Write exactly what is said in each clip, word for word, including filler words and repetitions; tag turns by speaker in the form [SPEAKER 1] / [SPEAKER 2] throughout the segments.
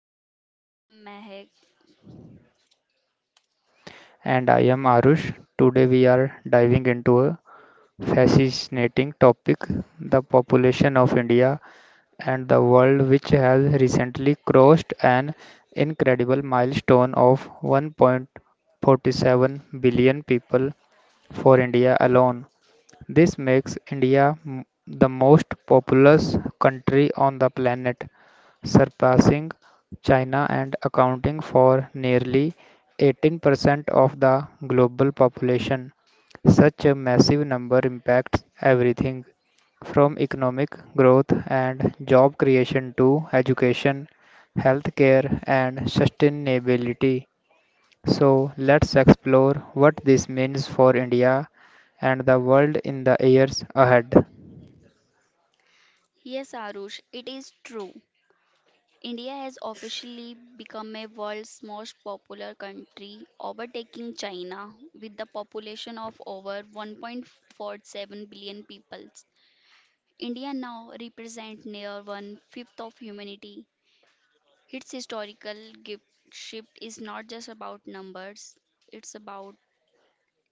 [SPEAKER 1] today. I am Mehak.
[SPEAKER 2] And I am Arush. Today we are diving into a fascinating topic, the population of India and the world, which has recently crossed an incredible milestone of one point four seven billion people for India alone. This makes India m- the most populous country on the planet, surpassing China and accounting for nearly eighteen percent of the global population. Such a massive number impacts everything from economic growth and job creation to education, healthcare, and sustainability. So, let's explore what this means for India and the world in the years ahead.
[SPEAKER 1] Yes Arush, it is true. India has officially become a world's most popular country, overtaking China with the population of over one point four seven billion people. India now represents near one fifth of humanity. Its historical gift shift is not just about numbers, it's about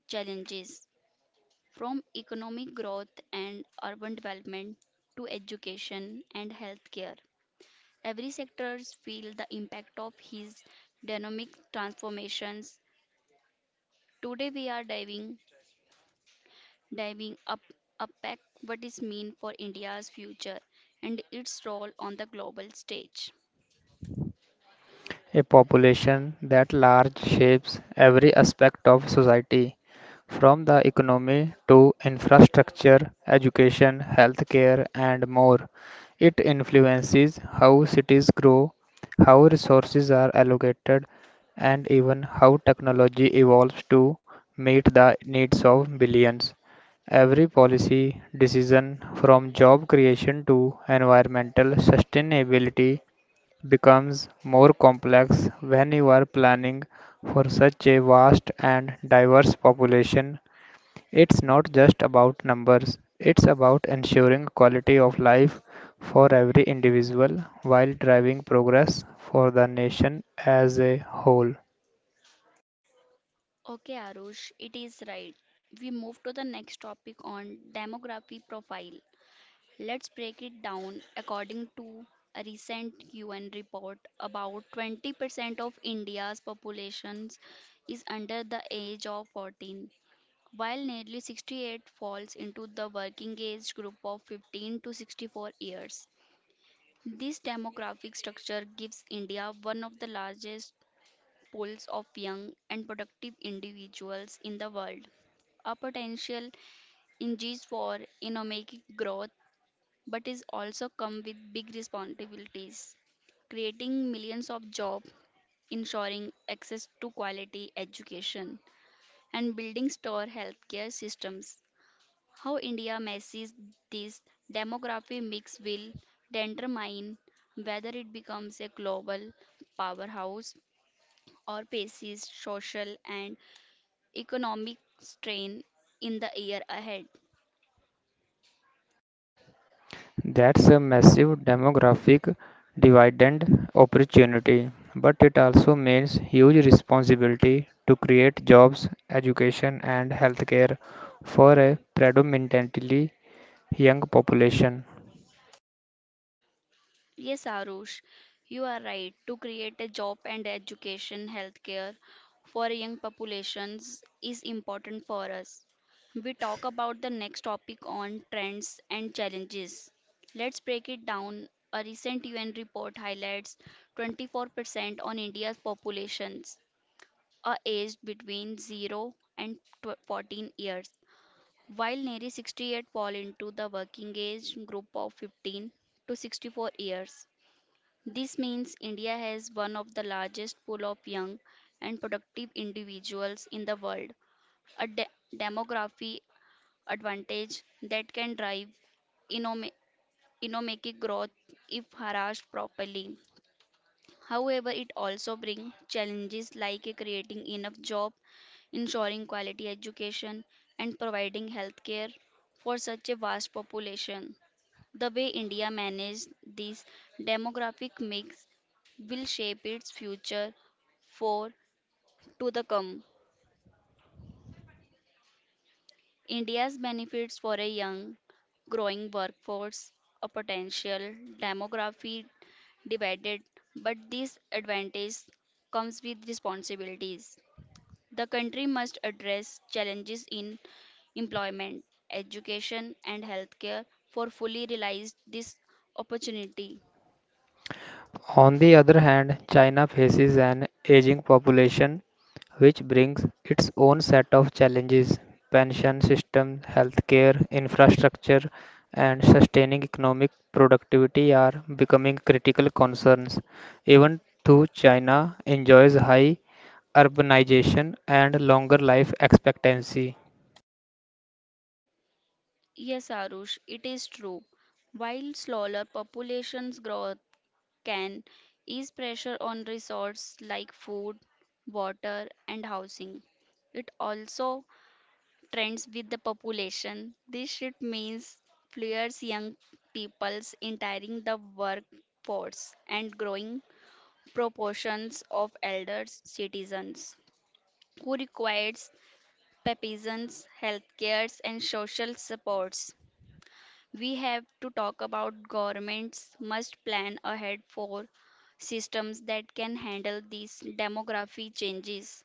[SPEAKER 1] challenges. From economic growth and urban development to education and healthcare, every sectors feel the impact of his dynamic transformations. Today we are diving diving up unpack what is mean for India's future and its role on the global stage.
[SPEAKER 2] A population that large shapes every aspect of society, from the economy to infrastructure, education, healthcare, and more. It influences how cities grow, how resources are allocated, and even how technology evolves to meet the needs of billions. Every policy decision, from job creation to environmental sustainability, becomes more complex when you are planning for such a vast and diverse population. It's not just about numbers, it's about ensuring quality of life for every individual while driving progress for the nation as a whole.
[SPEAKER 1] Okay, Arush, it is right. We move to the next topic on demography profile. Let's break it down. According to a recent U N report, about twenty percent of India's population is under the age of fourteen, while nearly sixty-eight falls into the working age group of fifteen to sixty-four years. This demographic structure gives India one of the largest pools of young and productive individuals in the world, a potential engine for economic growth, but is also come with big responsibilities, creating millions of jobs, ensuring access to quality education, and building store healthcare systems. How India messes this demographic mix will determine whether it becomes a global powerhouse or faces social and economic strain in the year ahead.
[SPEAKER 2] That's a massive demographic dividend opportunity, but it also means huge responsibility to create jobs, education, and healthcare for a predominantly young population.
[SPEAKER 1] Yes, Arush, you are right. To create a job and education, healthcare for young populations is important for us. We talk about the next topic on trends and challenges. Let's break it down. A recent U N report highlights twenty-four percent on India's populations are aged between zero and tw- fourteen years, while nearly sixty-eight fall into the working age group of fifteen to sixty-four years. This means India has one of the largest pool of young and productive individuals in the world, a de- demography advantage that can drive economic growth if harassed properly. However, it also brings challenges like creating enough job, ensuring quality education, and providing healthcare for such a vast population. The way India manages this demographic mix will shape its future for to the come. India's benefits for a young, growing workforce, a potential demography debated, but this advantage comes with responsibilities. The country must address challenges in employment, education, and healthcare for fully realize this opportunity.
[SPEAKER 2] On the other hand, China faces an aging population, which brings its own set of challenges: pension system, healthcare, infrastructure, and sustaining economic productivity are becoming critical concerns. Even though China enjoys high urbanization and longer life expectancy,
[SPEAKER 1] Yes, Arush, it is true. While slower populations growth can ease pressure on resources like food, water, and housing, it also trends with the population. This shift means fewer young peoples entering the workforce and growing proportions of elders citizens who requires papisans healthcares and social supports. We have to talk about governments must plan ahead for systems that can handle these demographic changes,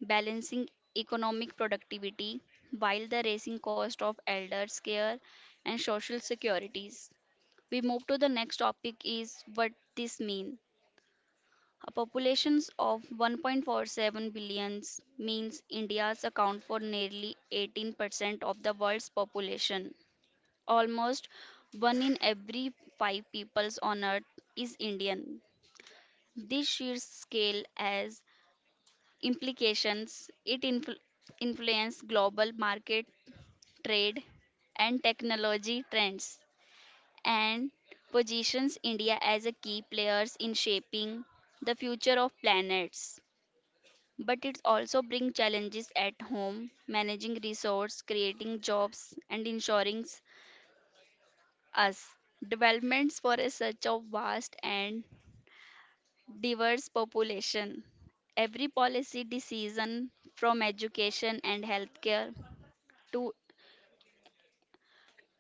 [SPEAKER 1] balancing economic productivity while the rising cost of elders care and social securities. We move to the next topic is what this mean. A population of one point four seven billions means India's account for nearly eighteen percent of the world's population. Almost one in every five peoples on earth is Indian. This sheer scale has implications. It influ- influences global market, trade, and technology trends and positions India as a key players in shaping the future of planets. But it also brings challenges at home, managing resource, creating jobs, and ensuring us developments for a such a vast and diverse population. Every policy decision, from education and healthcare to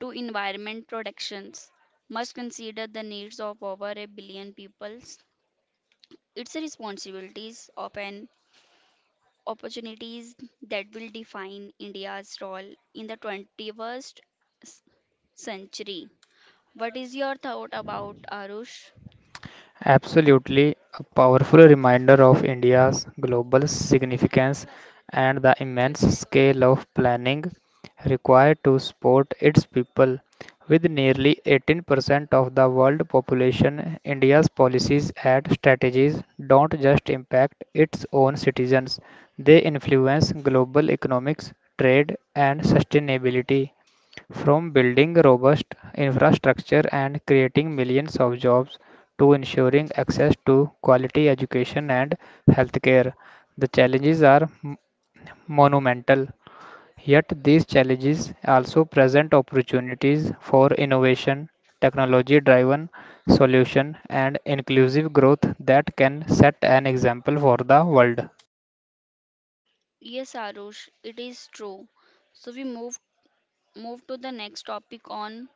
[SPEAKER 1] to environment protections, must consider the needs of over a billion peoples. Its responsibilities of an opportunities that will define India's role in the twenty-first s- century. What is your thought about Arush?
[SPEAKER 2] absolutely, a powerful reminder of India's global significance and the immense scale of planning required to support its people. With nearly eighteen percent of the world population, India's policies and strategies don't just impact its own citizens, they influence global economics, trade, and sustainability. From building robust infrastructure and creating millions of jobs to ensuring access to quality education and healthcare, the challenges are m- monumental. Yet, these challenges also present opportunities for innovation, technology driven solution, and inclusive growth that can set an example for the world.
[SPEAKER 1] Yes, Arush, it is true. So we move move to the next topic on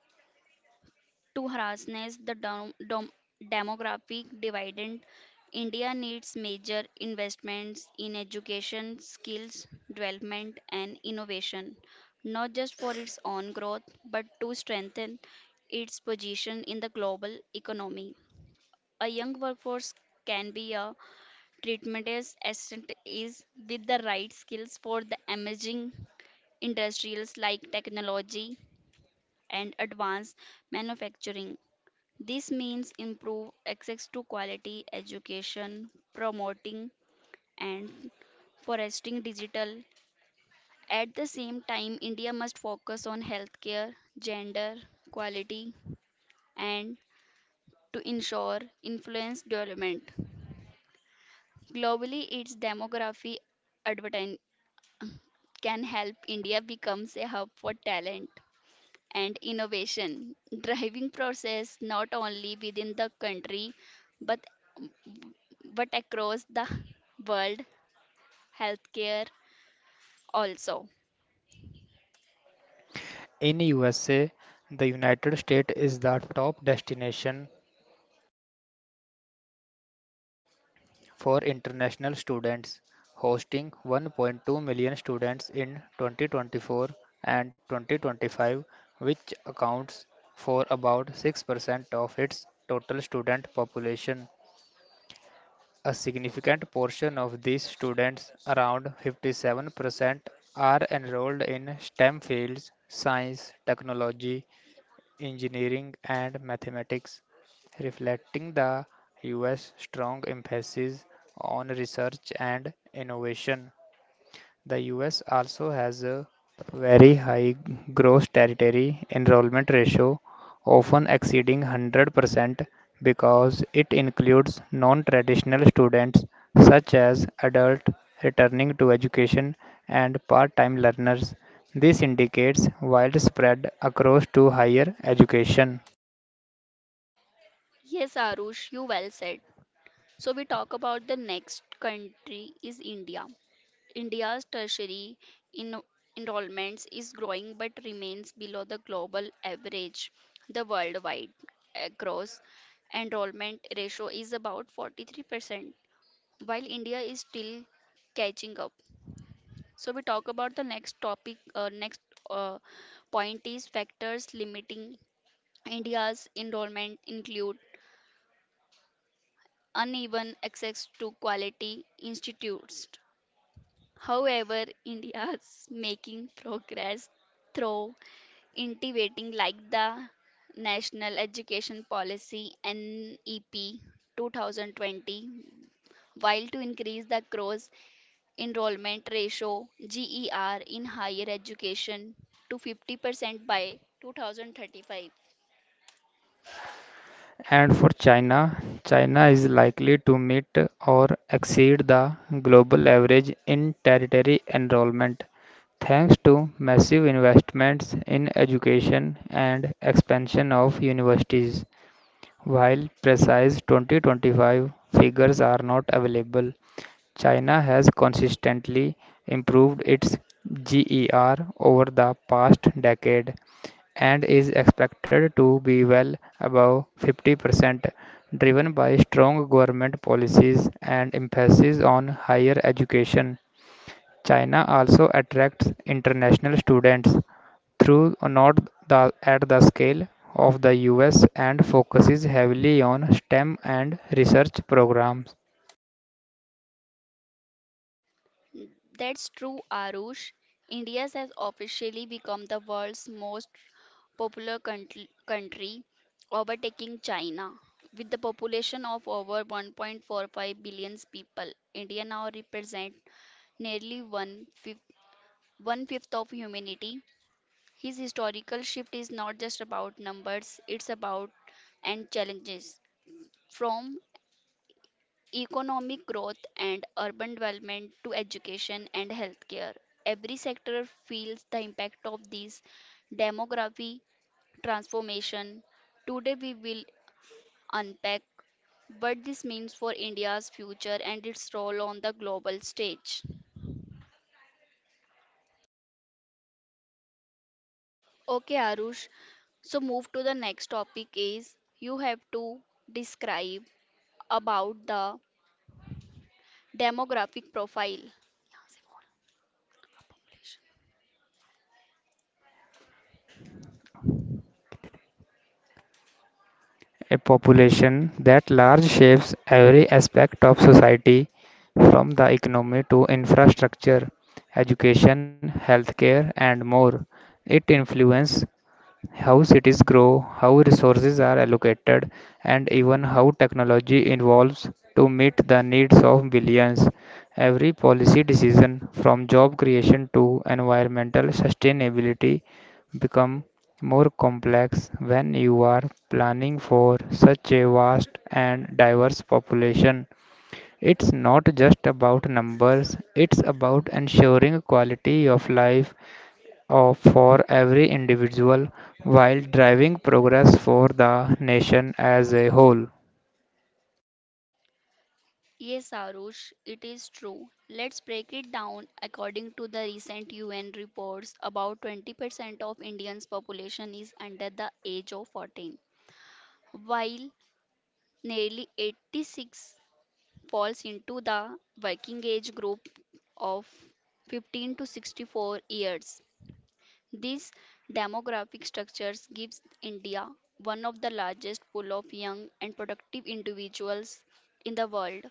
[SPEAKER 1] to harassness, the dom- dom- demographic dividend. India needs major investments in education, skills development, and innovation, not just for its own growth, but to strengthen its position in the global economy. A young workforce can be a tremendous asset is with the right skills for the emerging industries like technology and advanced manufacturing. This means improve access to quality education, promoting and fostering digital. At the same time, India must focus on healthcare, gender, quality, and to ensure influence development. Globally, its demography advertising can help India becomes a hub for talent and innovation, driving process not only within the country but but across the world, healthcare also.
[SPEAKER 2] In U S A, the United States is the top destination for international students, hosting one point two million students in twenty twenty-four and twenty twenty-five, which accounts for about six percent of its total student population. A significant portion of these students, around fifty-seven percent, are enrolled in STEM fields: science, technology, engineering, and mathematics, reflecting the U S strong emphasis on research and innovation. The U S also has a very high gross territory enrollment ratio, often exceeding one hundred percent because it includes non-traditional students such as adult returning to education and part-time learners. This indicates widespread across to higher education.
[SPEAKER 1] Yes, Arush, you well said. So we talk about the next country is India. India's tertiary in- enrollments is growing but remains below the global average. The worldwide uh, gross enrollment ratio is about forty-three percent, while India is still catching up. So we talk about the next topic, uh, next uh, point is factors limiting India's enrollment include uneven access to quality institutes. However, India is making progress through innovating like the National Education Policy N E P two thousand twenty while to increase the cross enrollment ratio G E R in higher education to fifty percent by two thousand thirty-five.
[SPEAKER 2] And for China, China is likely to meet or exceed the global average in territory enrollment, thanks to massive investments in education and expansion of universities. While precise twenty twenty-five figures are not available, China has consistently improved its G E R over the past decade and is expected to be well above fifty percent, driven by strong government policies and emphasis on higher education. China also attracts international students through not the at the scale of the U S, and focuses heavily on STEM and research programs.
[SPEAKER 1] That's true, Arush. India has officially become the world's most popular country, country, overtaking China. With the population of over one point four five billion people, India now represents nearly one fifth, one fifth of humanity. His historical shift is not just about numbers, it's about and challenges. From economic growth and urban development to education and healthcare. Every sector feels the impact of these demography transformation. Today we will unpack what this means for India's future and its role on the global stage. Okay, Arush. So move to the next topic is you have to describe about the demographic profile.
[SPEAKER 2] A population that large shapes every aspect of society, from the economy to infrastructure, education, healthcare, and more. It influences how cities grow, how resources are allocated, and even how technology evolves to meet the needs of billions. Every policy decision, from job creation to environmental sustainability, become more complex when you are planning for such a vast and diverse population. It's not just about numbers, it's about ensuring quality of life of for every individual while driving progress for the nation as a whole.
[SPEAKER 1] Yes, Arush, it is true. Let's break it down. According to the recent U N reports, about twenty percent of Indians' population is under the age of fourteen, while nearly eighty-six falls into the working age group of fifteen to sixty-four years. This demographic structures gives India one of the largest pool of young and productive individuals in the world.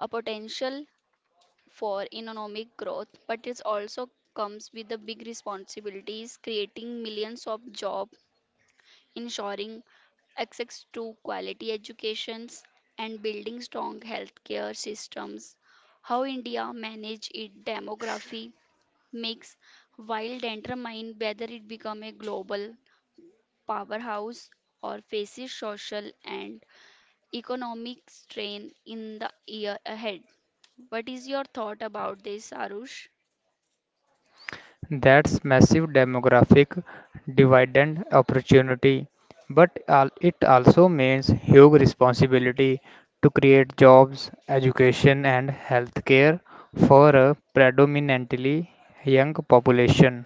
[SPEAKER 1] A potential for economic growth, but it also comes with the big responsibilities, creating millions of jobs, ensuring access to quality educations, and building strong healthcare systems. How India manage its demography mix while determine whether it become a global powerhouse or faces social and economic strain in the year ahead. What is your thought about this, Arush?
[SPEAKER 2] That's massive demographic dividend opportunity, but al- it also means huge responsibility to create jobs, education, and healthcare for a predominantly young population.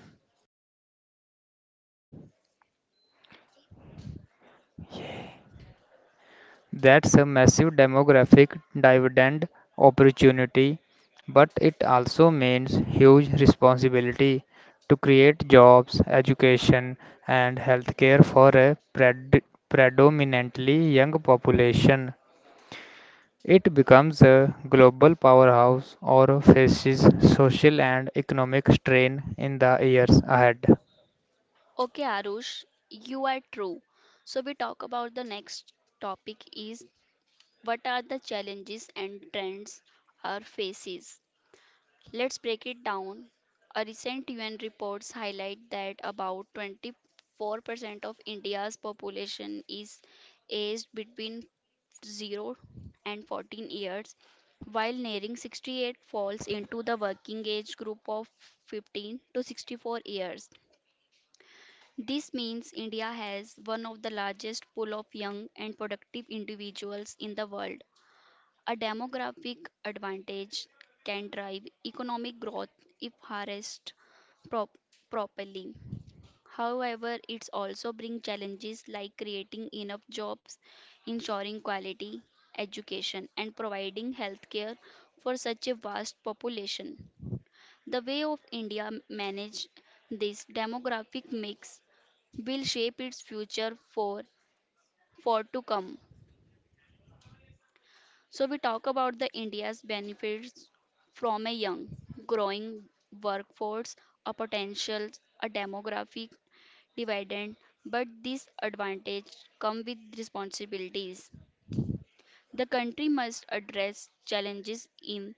[SPEAKER 2] That's a massive demographic dividend opportunity, but it also means huge responsibility to create jobs, education, and healthcare for a pred- predominantly young population. It becomes a global powerhouse or faces social and economic strain in the years ahead.
[SPEAKER 1] Okay, Arush, you are true. So we talk about the next topic is what are the challenges and trends our faces. Let's break it down. A recent U N reports highlight that about twenty-four percent of India's population is aged between 0 and 14 years, while nearing sixty-eight falls into the working age group of fifteen to sixty-four years. This means India has one of the largest pool of young and productive individuals in the world. A demographic advantage can drive economic growth if harnessed prop- properly. However, it also brings challenges like creating enough jobs, ensuring quality education, and providing healthcare for such a vast population. The way of India manage this demographic mix will shape its future for for to come. So we talk about the India's benefits from a young, growing workforce, a potential, a demographic dividend, but these advantages come with responsibilities. The country must address challenges in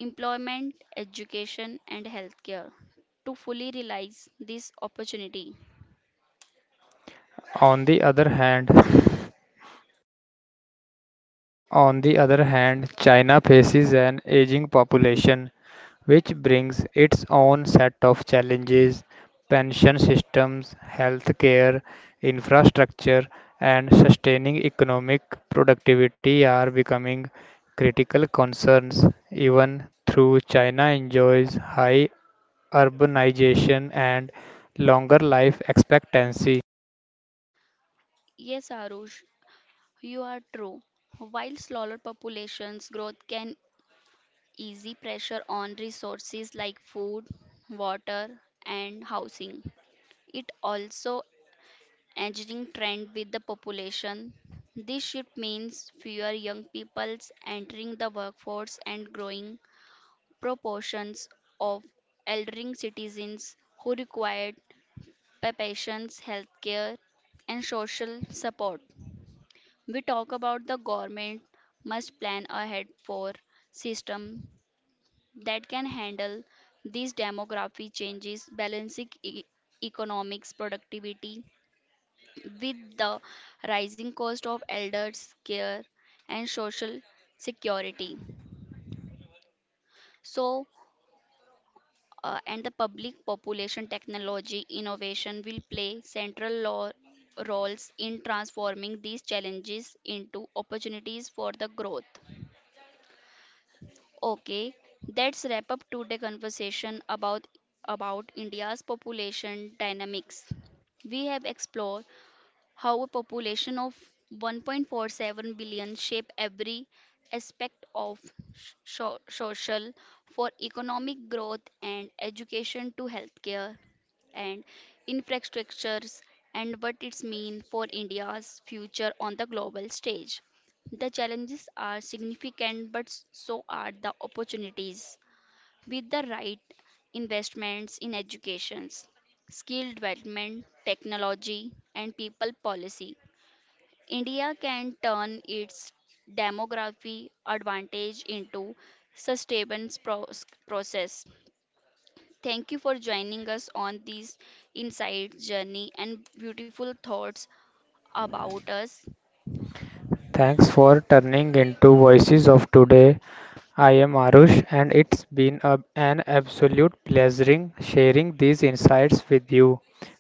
[SPEAKER 1] employment, education, and healthcare to fully realize this opportunity.
[SPEAKER 2] On the other hand, on the other hand, China faces an aging population which brings its own set of challenges: pension systems, healthcare, infrastructure, and sustaining economic productivity are becoming critical concerns, even though china enjoys high urbanization and longer life expectancy.
[SPEAKER 1] Yes, Arush, you are true. While smaller populations growth can ease pressure on resources like food, water, and housing, it also aging trend with the population. This shift means fewer young peoples entering the workforce and growing proportions of elderly citizens who require by patients, healthcare, and social support. We talk about the government must plan ahead for system that can handle these demographic changes, balancing e- economics, productivity with the rising cost of elders care and social security. So uh, and the public population technology innovation will play central lo- roles in transforming these challenges into opportunities for the growth. Okay, that's wrap up today conversation about about India's population dynamics. We have explored how a population of one point four seven billion shape every aspect of so- social for economic growth and education to healthcare and infrastructures and what it means for India's future on the global stage. The challenges are significant, but so are the opportunities. With the right investments in education, skill development, technology, and people policy, India can turn its demography advantage into sustainable pros- process. Thank you for joining us on this insight journey and beautiful thoughts about us.
[SPEAKER 2] Thanks for turning into voices of today. I am Arush, and it's been a, an absolute pleasure sharing these insights with you.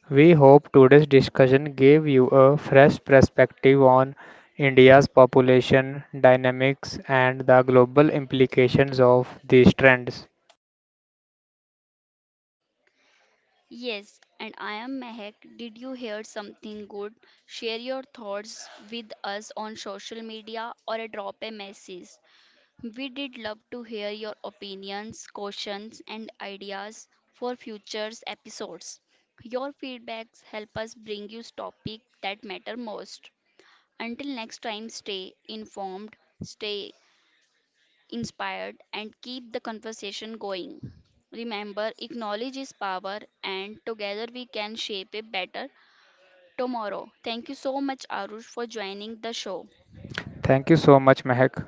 [SPEAKER 2] We hope today's discussion gave you a fresh perspective on India's population dynamics and the global implications of these trends.
[SPEAKER 1] Yes, and I am Mehak. Did you hear something good? Share your thoughts with us on social media or a drop a message. We did love to hear your opinions, questions, and ideas for future episodes. Your feedbacks help us bring you topics that matter most. Until next time, stay informed, stay inspired, and keep the conversation going. Remember, acknowledge is power, and together we can shape a better tomorrow. Thank you so much, Arush, for joining the show.
[SPEAKER 2] Thank you so much, Mehak.